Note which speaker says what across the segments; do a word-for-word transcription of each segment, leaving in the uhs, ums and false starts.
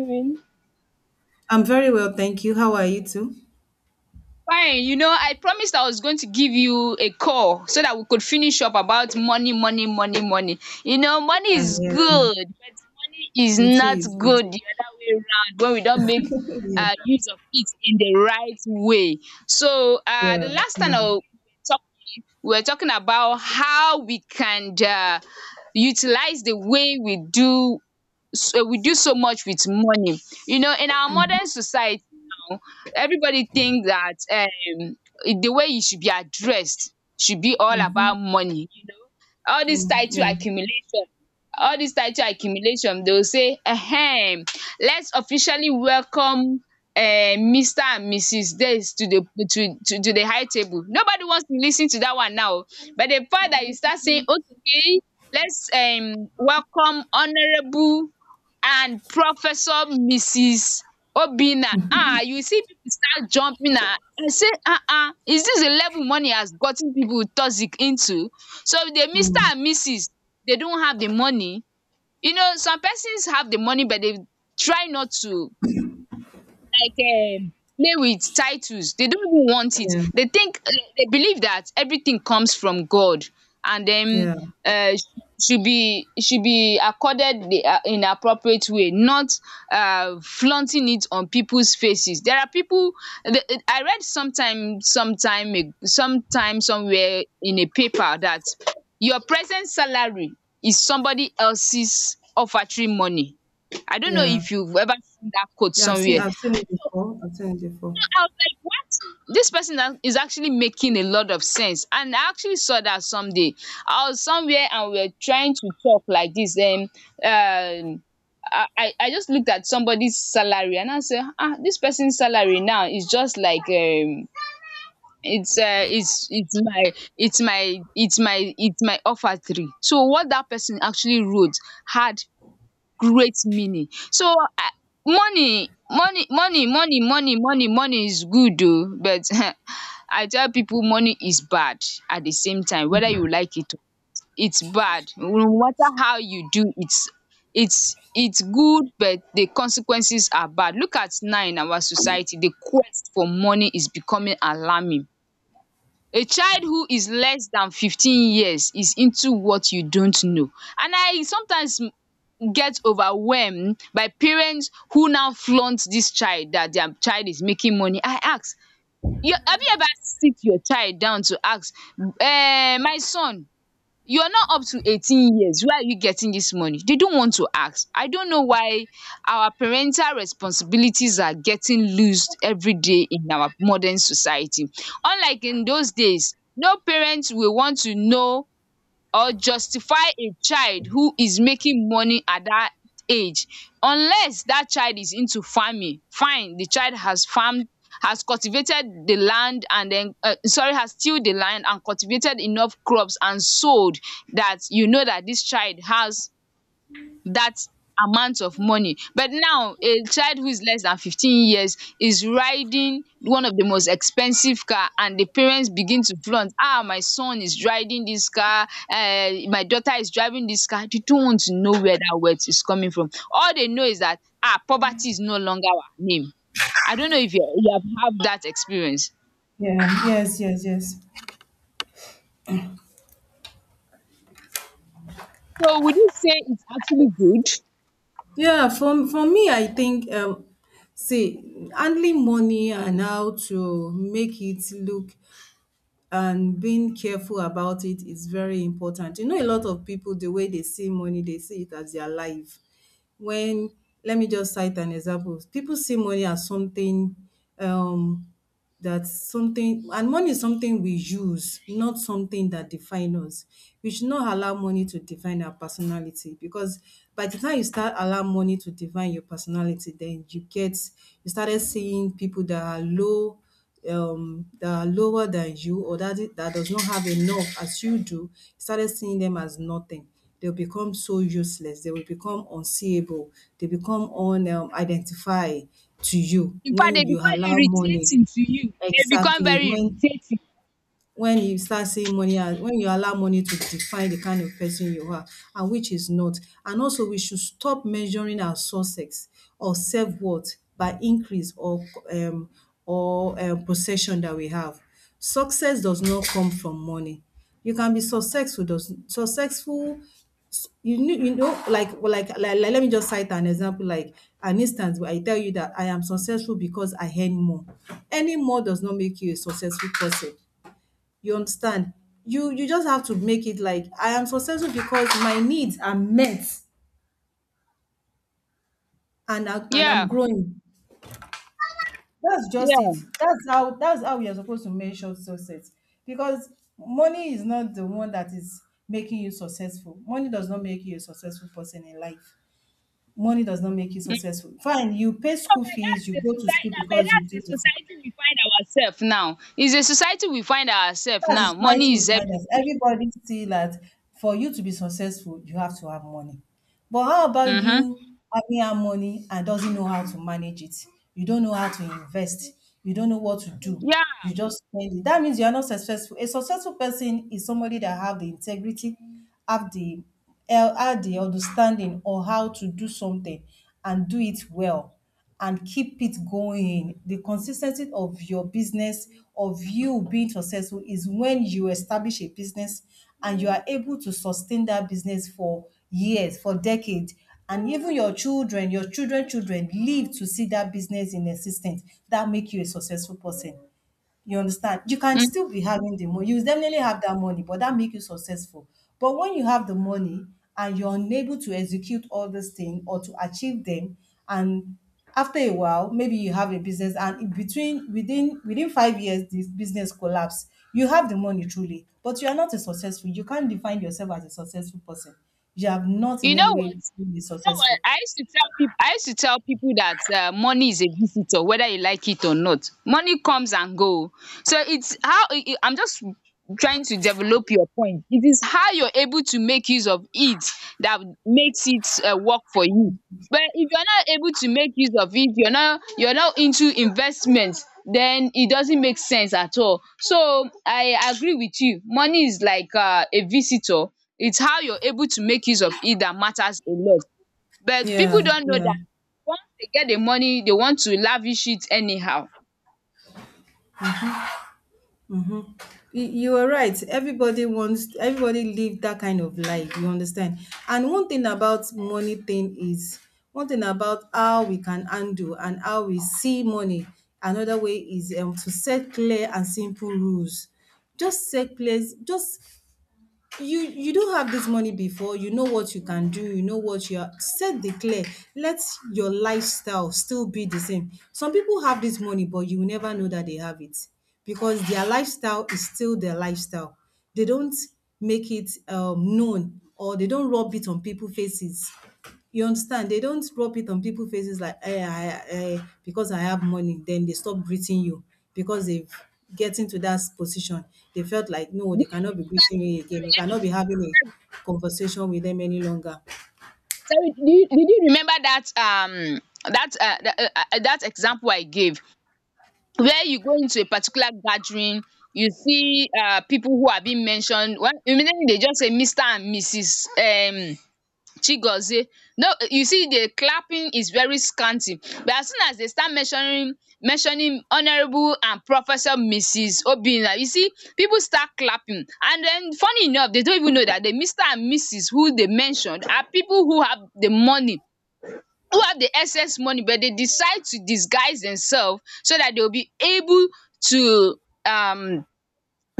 Speaker 1: Doing?
Speaker 2: I'm very well, thank you. How are you too?
Speaker 1: Fine. You know, I promised I was going to give you a call so that we could finish up about money, money, money, money. You know, money
Speaker 2: Yeah,
Speaker 1: is
Speaker 2: yeah.
Speaker 1: good, but money is
Speaker 2: It
Speaker 1: not
Speaker 2: is. It is.
Speaker 1: good the other way around when we don't make uh,
Speaker 2: yeah,
Speaker 1: use of it in the right way. So, uh, the
Speaker 2: yeah,
Speaker 1: last
Speaker 2: yeah.
Speaker 1: time I we talk, we were talking about how we can uh, utilize the way we do, so we do so much with money. You know, in our
Speaker 2: Mm,
Speaker 1: modern society now, everybody think that um the way you should be addressed should be all
Speaker 2: mhm,
Speaker 1: about money. You know, all this
Speaker 2: mm,
Speaker 1: title
Speaker 2: yeah,
Speaker 1: accumulation, all this title accumulation, they will say, "Ahem, let's officially welcome." Uh, Mister and Missus This to the to, to to the high table. Nobody wants to listen to that one now. But the part that you start saying, okay, let's um welcome Honorable and Professor Missus Obinna. Ah, you see people start jumping ah. I say, um is this the level money has gotten people toxic into? So the Mister
Speaker 2: mm,
Speaker 1: and Missus, they don't have the money. You know, some persons have the money, but they try not to like um play with titles. They don't even want it.
Speaker 2: yeah,
Speaker 1: They think, uh, they believe that everything comes from God. And then,
Speaker 2: yeah,
Speaker 1: um should be should be accorded the um in appropriate way, not um flaunting it on peoples faces. There are people, the it- I read sometime sometime a sometime somewhere in a paper that your present salary is somebody else's offertory money. I don't know
Speaker 2: yeah.
Speaker 1: if you've ever seen that quote
Speaker 2: Yeah, I've seen.
Speaker 1: somewhere.
Speaker 2: I've seen it before. I've seen it before.
Speaker 1: I was like, what? This person a- is actually making a lot of sense. And I actually saw that someday. I was somewhere and we were trying to talk like this. Um, um I, I I just looked at somebody's salary and I said, ah, this person's salary now is just like um it's uh it's it's my it's my it's my it's my offer three. So what that person actually wrote had great meaning. So I money money money money money money money is good oo, but I tell people money is bad at the same time, whether you like it or, it's bad no matter how you do. It's it's it's good, but the consequences are bad. Look at now in our society, the quest for money is becoming alarming. A child who is less than fifteen years is into what you don't know, and I sometimes get overwhelmed by parents who now flaunt this child, that their child is making money. I ask, you, have you ever sit your child down to ask, eh, my son, you're not up to eighteen years. Where are you getting this money? They don't want to ask. I don't know why our parental responsibilities are getting loosed every day in our modern society. Unlike in those days, no parent will want to know or justify a child who is making money at that age, unless that child is into farming. Fine, the child has farmed, has cultivated the land, and then, uh, sorry, has tilled the land and cultivated enough crops and sold, that you know that this child has that amount of money. But now a child who is less than fifteen years is riding one of the most expensive car, and the parents begin to flaunt, ah, my son is riding this car. Uh, my daughter is driving this car. They don't want to know where that wealth is coming from. All they know is that, ah, poverty is no longer our name. I don't know if you you have have that experience.
Speaker 2: Yeah. Yes. Yes. Yes.
Speaker 1: So would you say it's actually good?
Speaker 2: Yeah. For for me, I think um, see handling money and how to make it look and being careful about it is very important. You know, a lot of people, the way they see money, they see it as their life. When, let me just cite an example. People see money as something um, that's something, and money is something we use, not something that define us. We should not allow money to define our personality, because by the time you start allow money to define your personality, then you get you started seeing people that are low, um that are lower than you, or that that does not have enough as you do, you started seeing them as nothing. They'll become so useless, they will become unseeable. They become unidentified, um, identify to you
Speaker 1: In fact,
Speaker 2: when
Speaker 1: they
Speaker 2: you
Speaker 1: become
Speaker 2: allow money.
Speaker 1: irritating to you. They become
Speaker 2: Exactly.
Speaker 1: very
Speaker 2: When
Speaker 1: irritating.
Speaker 2: when you start seeing money as when you allow money to define the kind of person you are, and which is not. And also, we should stop measuring our success or self-worth by increase or um or um possession that we have. Success does not come from money. You can be successful does successful. You know, you know like, well, like like like let me just cite an example, like an instance where I tell you that I am successful because I earn more. Earning more does not make you a successful person. You understand? You you just have to make it like I am successful because my needs are met, and I, and I'm
Speaker 1: Yeah,
Speaker 2: growing. That's just it.
Speaker 1: yeah.
Speaker 2: That's how that's how we are supposed to measure success. Because money is not the one that is making you successful. Money does not make you a successful person in life. Money does not make you successful. Fine, you pay
Speaker 1: No,
Speaker 2: school
Speaker 1: but
Speaker 2: fees,
Speaker 1: that's
Speaker 2: you
Speaker 1: the
Speaker 2: go to
Speaker 1: society.
Speaker 2: school
Speaker 1: No, but
Speaker 2: because you
Speaker 1: that's the
Speaker 2: do this.
Speaker 1: society we find ourselves now. It's the society we find ourselves
Speaker 2: That is
Speaker 1: now. Money
Speaker 2: fighting
Speaker 1: is
Speaker 2: kindness.
Speaker 1: everything.
Speaker 2: Everybody see that for you to be successful, you have to have money. But how about
Speaker 1: Mm-hmm.
Speaker 2: you having that money and doesn't know how to manage it? You don't know how to invest. You don't know what to do.
Speaker 1: Yeah.
Speaker 2: You just spend it. That means you are not successful. A successful person is somebody that have the integrity, have the eh, have the understanding or how to do something and do it well and keep it going. The consistency of your business, of you being successful, is when you establish a business and you are able to sustain that business for years, for decades. And even your children, your children, children live to see that business in existence. That make you a successful person. You understand? You can still
Speaker 1: Mm.
Speaker 2: be having the money. You definitely have that money, but that make you successful. But when you have the money and you're unable to execute all these things or to achieve them, and after a while, maybe you have a business, and in between within within five years, this business collapse. You have the money truly, but you are not a successful. You can't define yourself as a successful person. You have not
Speaker 1: You
Speaker 2: in any
Speaker 1: know what?
Speaker 2: way been
Speaker 1: know what?
Speaker 2: successful.
Speaker 1: I used to tell people. I used to tell people that, uh, money is a visitor, whether you like it or not. Money comes and go. So it's how i- i- I'm just trying to develop your point. It is how you're able to make use of it that makes it, uh, work for you. But if you're not able to make use of it, you're not you're not into investments, then it doesn't make sense at all. So I agree with you. Money is like, uh, a visitor. It's how you're able to make use of it that matters a lot. But people
Speaker 2: Yeah,
Speaker 1: don know
Speaker 2: yeah.
Speaker 1: dat, once they get the money, they want to lavish it anyhow.
Speaker 2: You, you are right. Everybody wants, everybody live that kind of life. You understand? And one thing about money thing is, one thing about how we can handle and how we see money. Another way is um, to set clear and simple rules. Just set place, just you you do have this money before you know what you can do, you know what you are, set the clear, let your lifestyle still be the same. Some people have this money but you will never know that they have it, because their lifestyle is still their lifestyle. They don't make it um, known, or they don't rub it on people's faces. You understand? They don't rub it on people faces like, "Hey, I I, because I have money," then they stop greeting you because they've getting to that position. They felt like, no, they
Speaker 1: Did
Speaker 2: cannot
Speaker 1: you
Speaker 2: be greeting you
Speaker 1: Sorry,
Speaker 2: again. You
Speaker 1: let me
Speaker 2: cannot be
Speaker 1: check.
Speaker 2: having a conversation with them any longer.
Speaker 1: Sorry, did you did you remember dat, um dat um dat example I gave, where you go into a particular gathering, you see um people who are being mentioned. One, immediately they just say Mister and Mrs um Chigozie. No, you see the clapping is very scanty. But as soon as they start mentioning mentioning Honourable and Professor Missus Obinna, you see people start clapping. And then, funny enough, they don't even know that the Mister and Missus who they mentioned are people who have the money, who have the excess money, but they decide to disguise themselves so that they'll be able to um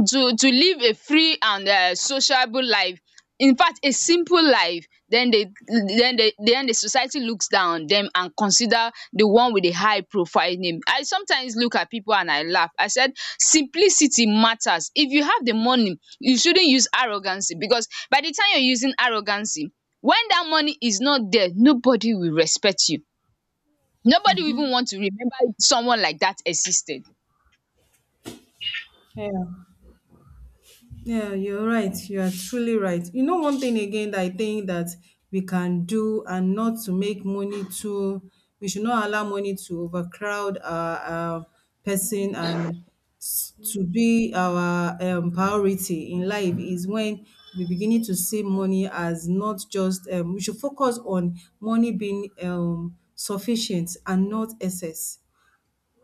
Speaker 1: to to live a free and um sociable life, in fact a simple life. Then they then they then the society looks down on them and consider the one with the high profile name. I sometimes look at people and I laugh. I said, simplicity matters. If you have the money, you shouldn't use arrogancy, because by the time you're using arrogancy, when that money is not there, nobody will respect you. Nobody will even want to remember someone like that existed.
Speaker 2: Yeah. Yeah, you're right. You are truly right. You know, one thing again that I think that we can do, and not to make money too, we should not allow money to overcrowd our, our person, and s- to be our um, priority in life is when we beginning to see money as not just, um, we should focus on money being um, sufficient and not excess.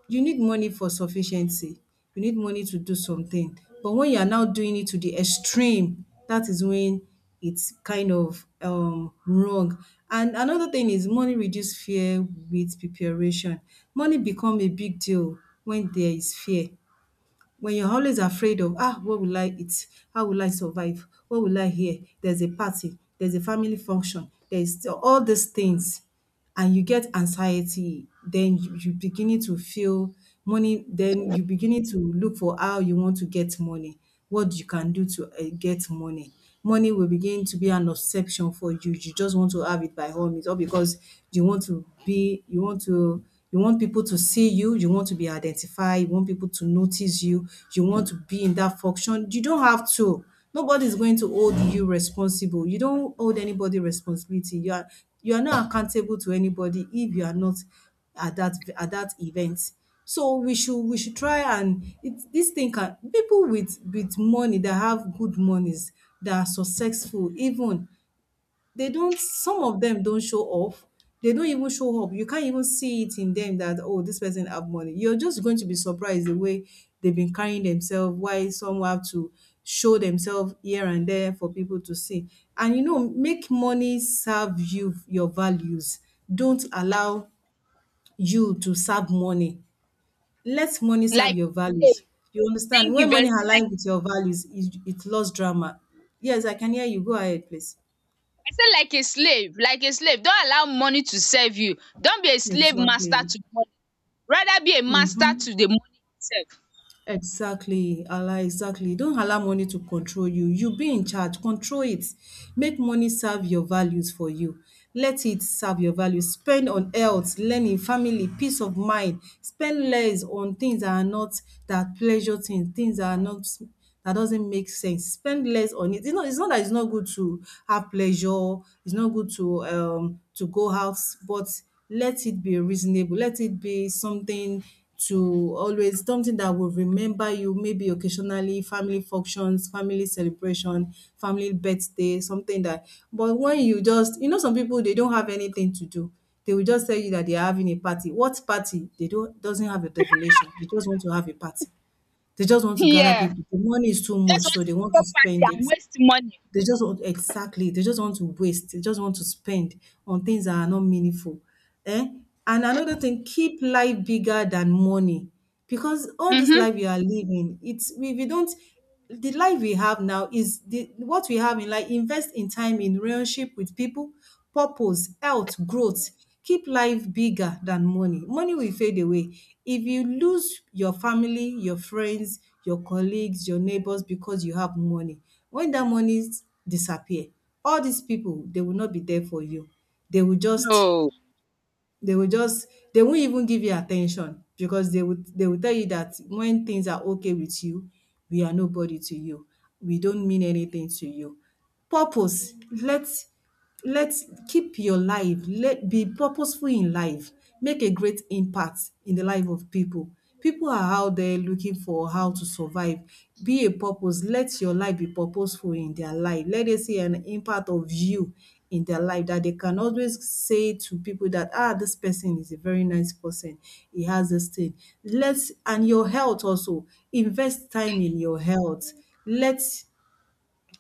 Speaker 2: You need money for sufficiency. You need money to do something. But when you are now doing it to the extreme, that is when it's kind of um wrong. And another thing is money reduce fear with preparation. Money become a big deal when there is fear, when you're always afraid of ah what will I eat? How will I survive? What will I hear? There's a party, there's a family function, there's all these things, and you get anxiety, then you, you beginning to feel money, then you beginning to look for how you want to get money, what you can do to eh, get money. Money will begin to be an obsession for you. You just want to have it by all means, or because you want to be, you want to, you want people to see you, you want to be identified, you want people to notice you, you want to be in that function. You don't have to. Nobody is going to hold you responsible. You don't hold anybody responsibility. You are you are not accountable to anybody if you are not at that at that event. So we should we should try and it, this thing can people with with money that have good monies that are successful even they don't, some of them don't show off. They don't even show up. You can't even see it in them that oh this person have money. You're just going to be surprised the way they've been carrying themselves. Why some have to show themselves here and there for people to see. And you know, make money serve you your values. Don't allow you to serve money. Let money serve
Speaker 1: Like
Speaker 2: your
Speaker 1: a
Speaker 2: values.
Speaker 1: slave.
Speaker 2: You understand?
Speaker 1: Thank you
Speaker 2: When
Speaker 1: very
Speaker 2: money
Speaker 1: much. Like
Speaker 2: align with your values, it it lost drama. Yes, I can hear you. Go ahead, please.
Speaker 1: I say, like a slave, like a slave. Don't allow money to serve you. Don't be a slave
Speaker 2: Exactly.
Speaker 1: master to money. Rather be a master
Speaker 2: Mm-hmm.
Speaker 1: to the money itself.
Speaker 2: Exactly. Allah, exactly. Don't allow money to control you. You be in charge. Control it. Make money serve your values for you. Let it serve your values. Spend on health, learning, family, peace of mind. Spend less on things that are not that pleasure things, things that are not that doesn't make sense. Spend less on it. It's not it's not that it's not good to have pleasure, it's not good to um to go out, but let it be reasonable. Let it be something to always something that will remember you, maybe occasionally, family functions, family celebration, family birthday, something that, but when you just, you know, some people they don't have anything to do, they will just tell you that they are having a party. What party? They don't doesn't have a definition, they just want to have a party, they just want to gather
Speaker 1: Yeah.
Speaker 2: people. The money is too
Speaker 1: You just
Speaker 2: much, so
Speaker 1: want to
Speaker 2: they want
Speaker 1: throw
Speaker 2: to spend
Speaker 1: party
Speaker 2: it.
Speaker 1: and waste money.
Speaker 2: They just want exactly. They just want to waste. They just want to spend on things that are not meaningful. Eh? And another thing, keep life bigger than money, because all this
Speaker 1: Mhm.
Speaker 2: life you are living, it's we we don't. The life we have now is the what we have in life. Invest in time in relationship with people, purpose, health, growth, keep life bigger than money. Money will fade away. If you lose your family, your friends, your colleagues, your neighbors because you have money, when that money s- disappear, all these people, they will not be there for you. They will just
Speaker 1: No.
Speaker 2: they will just they won't even give you attention because they would. They will tell you that when things are okay with you, we are nobody to you. We don't mean anything to you. Purpose, let's let's keep your life, let be purposeful in life, make a great impact in the life of people. People are out there looking for how to survive. Be a purpose. Let your life be purposeful in their life. Let them see an impact of you in their life that they can always say to people that ah this person is a very nice person. He has this thing. Let's and your health also. Invest time in your health. Let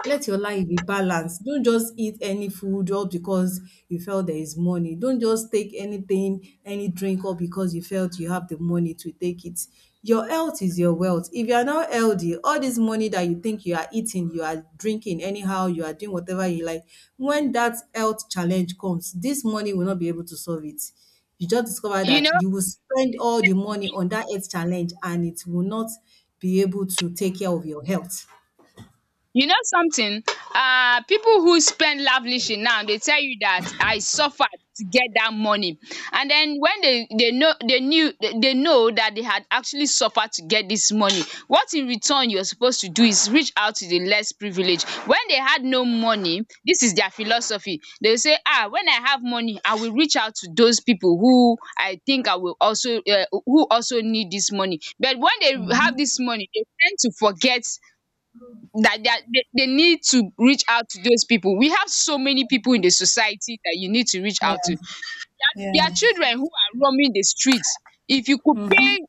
Speaker 2: let your life be balanced. Don't just eat any food just because you felt there is money. Don't just take anything, any drink, or because you felt you have the money to take it. Your health is your wealth. If you are not healthy, all this money that you think you are eating, you are drinking anyhow, you are doing whatever you like, when that health challenge comes, this money will not be able to solve it. You just discover
Speaker 1: You
Speaker 2: that
Speaker 1: know,
Speaker 2: you will spend all the money on that health challenge and it will not be able to take care of your health.
Speaker 1: You know something? Uh, people who spend lavishly now, they tell you that I suffered to get that money. And then when they, they know they knew they they know that they had actually suffered to get this money, what in return you're supposed to do is reach out to the less privileged. When they had no money, this is their philosophy. They will say, ah, when I have money, I will reach out to those people who I think I will also, uh, who also need this money. But when they have this money, they tend to forget that they, are- they they need to reach out to those people. We have so many people in the society that you need to reach
Speaker 2: Yeah,
Speaker 1: out to. There are
Speaker 2: yeah.
Speaker 1: children who are roaming the streets. If you could pay,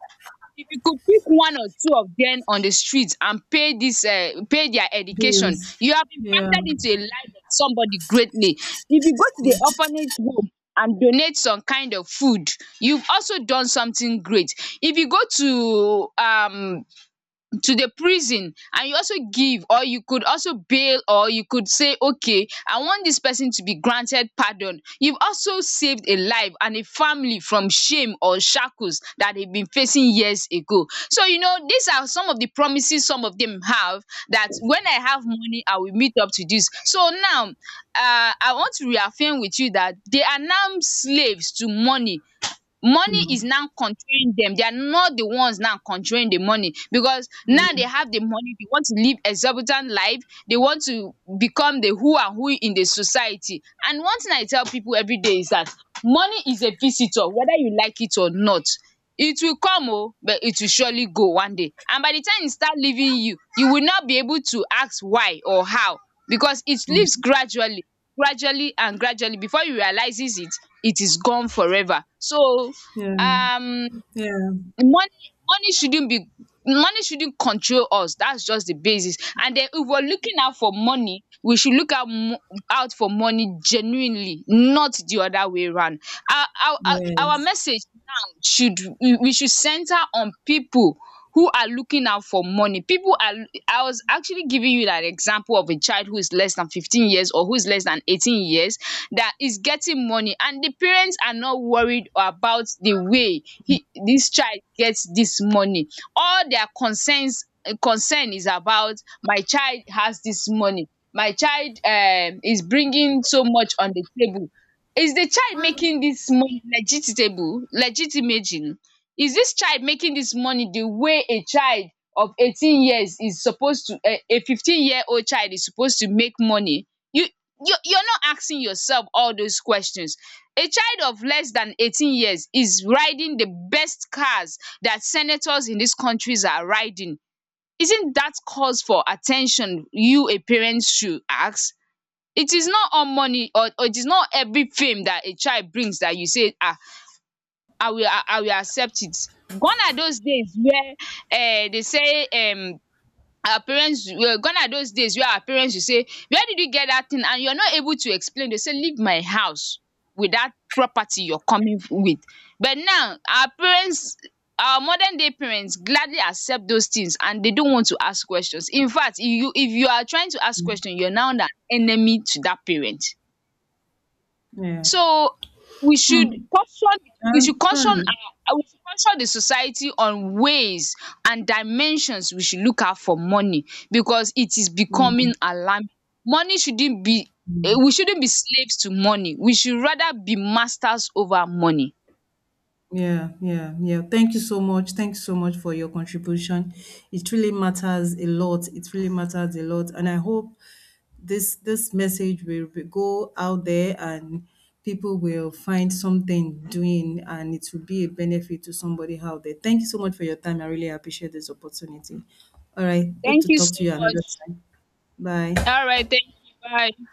Speaker 1: if you could pick one or two of them on the streets and pay this, uh, pay their education,
Speaker 2: Bills.
Speaker 1: you have
Speaker 2: Yeah,
Speaker 1: impacted into a life of somebody greatly. If you go to the orphanage home and donate some kind of food, you've also done something great. If you go to um to the prison and you also give, or you could also bail, or you could say, okay, I want this person to be granted pardon, you've also saved a life and a family from shame or shackles that they've been facing years ago. So, you know these are some of the promises some of them have, that when I have money I will meet up to this. So now, uh, I want to reaffirm with you that they are now slaves to money. Money is now controlling them. They are not the ones now controlling the money, because now they have the money. They want to live exorbitant life. They want to become the who and who in the society. And one thing I tell people every day is that money is a visitor, whether you like it or not. It will come oh, but it will surely go one day. And by the time e start leaving you, you will not be able to ask why or how, because it leaves gradually gradually and gradually, before you realizes it, it is gone forever. So
Speaker 2: yeah,
Speaker 1: um
Speaker 2: yeah,
Speaker 1: money money shouldn't be money shouldn't control us. That's just the basis. And then, if we're looking out for money, we should look out mo out for money genuinely, not the other way round. Our our our our
Speaker 2: yes,
Speaker 1: message now, should we we should center on people who are looking out for money. People are I was actually giving you that example of a child who is less than fifteen years, or who is less than eighteen years, that is getting money, and the parents are not worried about the way he this child gets this money. All their concerns concern is about, my child has this money, my child um is bringing so much on the table. Is the child making this money legitimate? Legitimate? Is this child making this money the way a child of eighteen years is supposed to, um a fifteen year old child is supposed to make money? You you you're not asking yourself all those questions. A child of less than eighteen years is riding the best cars that senators in these countries are riding. Isn't that cause for attention, you a parent should ask? It is not all money, or or it is not every fame that a child brings, that you say, ah, I will I I will accept it. Gone are those days where, uh, they say, um our parents, um gone are those days where our parents will say, where did you get that thing? And you are not able to explain. They say, leave my house with that property you are coming with. But now our parents our modern day parents gladly accept those things, and they don't want to ask questions. In fact, if you if you are trying to ask question, you are now an enemy to that parent.
Speaker 2: yeah.
Speaker 1: So we should
Speaker 2: Hmm,
Speaker 1: caution
Speaker 2: I
Speaker 1: we should caution
Speaker 2: understand.
Speaker 1: our uh, we should caution the society on ways and dimensions we should look out for money, because it is
Speaker 2: Yeah,
Speaker 1: becoming alarming. Money shouldn't be eh, we shouldn't be slaves to money. We should rather be masters over money.
Speaker 2: yeah, yeah, yeah. Thank you so much. Thank you so much for your contribution. It really matters a lot. It really matters a lot. And I hope this this message will be- go out there and people will find something doing and it will be a benefit to somebody out there. Thank you so much for your time. I really appreciate this opportunity. All right. Hope
Speaker 1: Thank
Speaker 2: to
Speaker 1: you
Speaker 2: talk
Speaker 1: so
Speaker 2: to you another
Speaker 1: much.
Speaker 2: time. Bye.
Speaker 1: All right, thank you. Bye.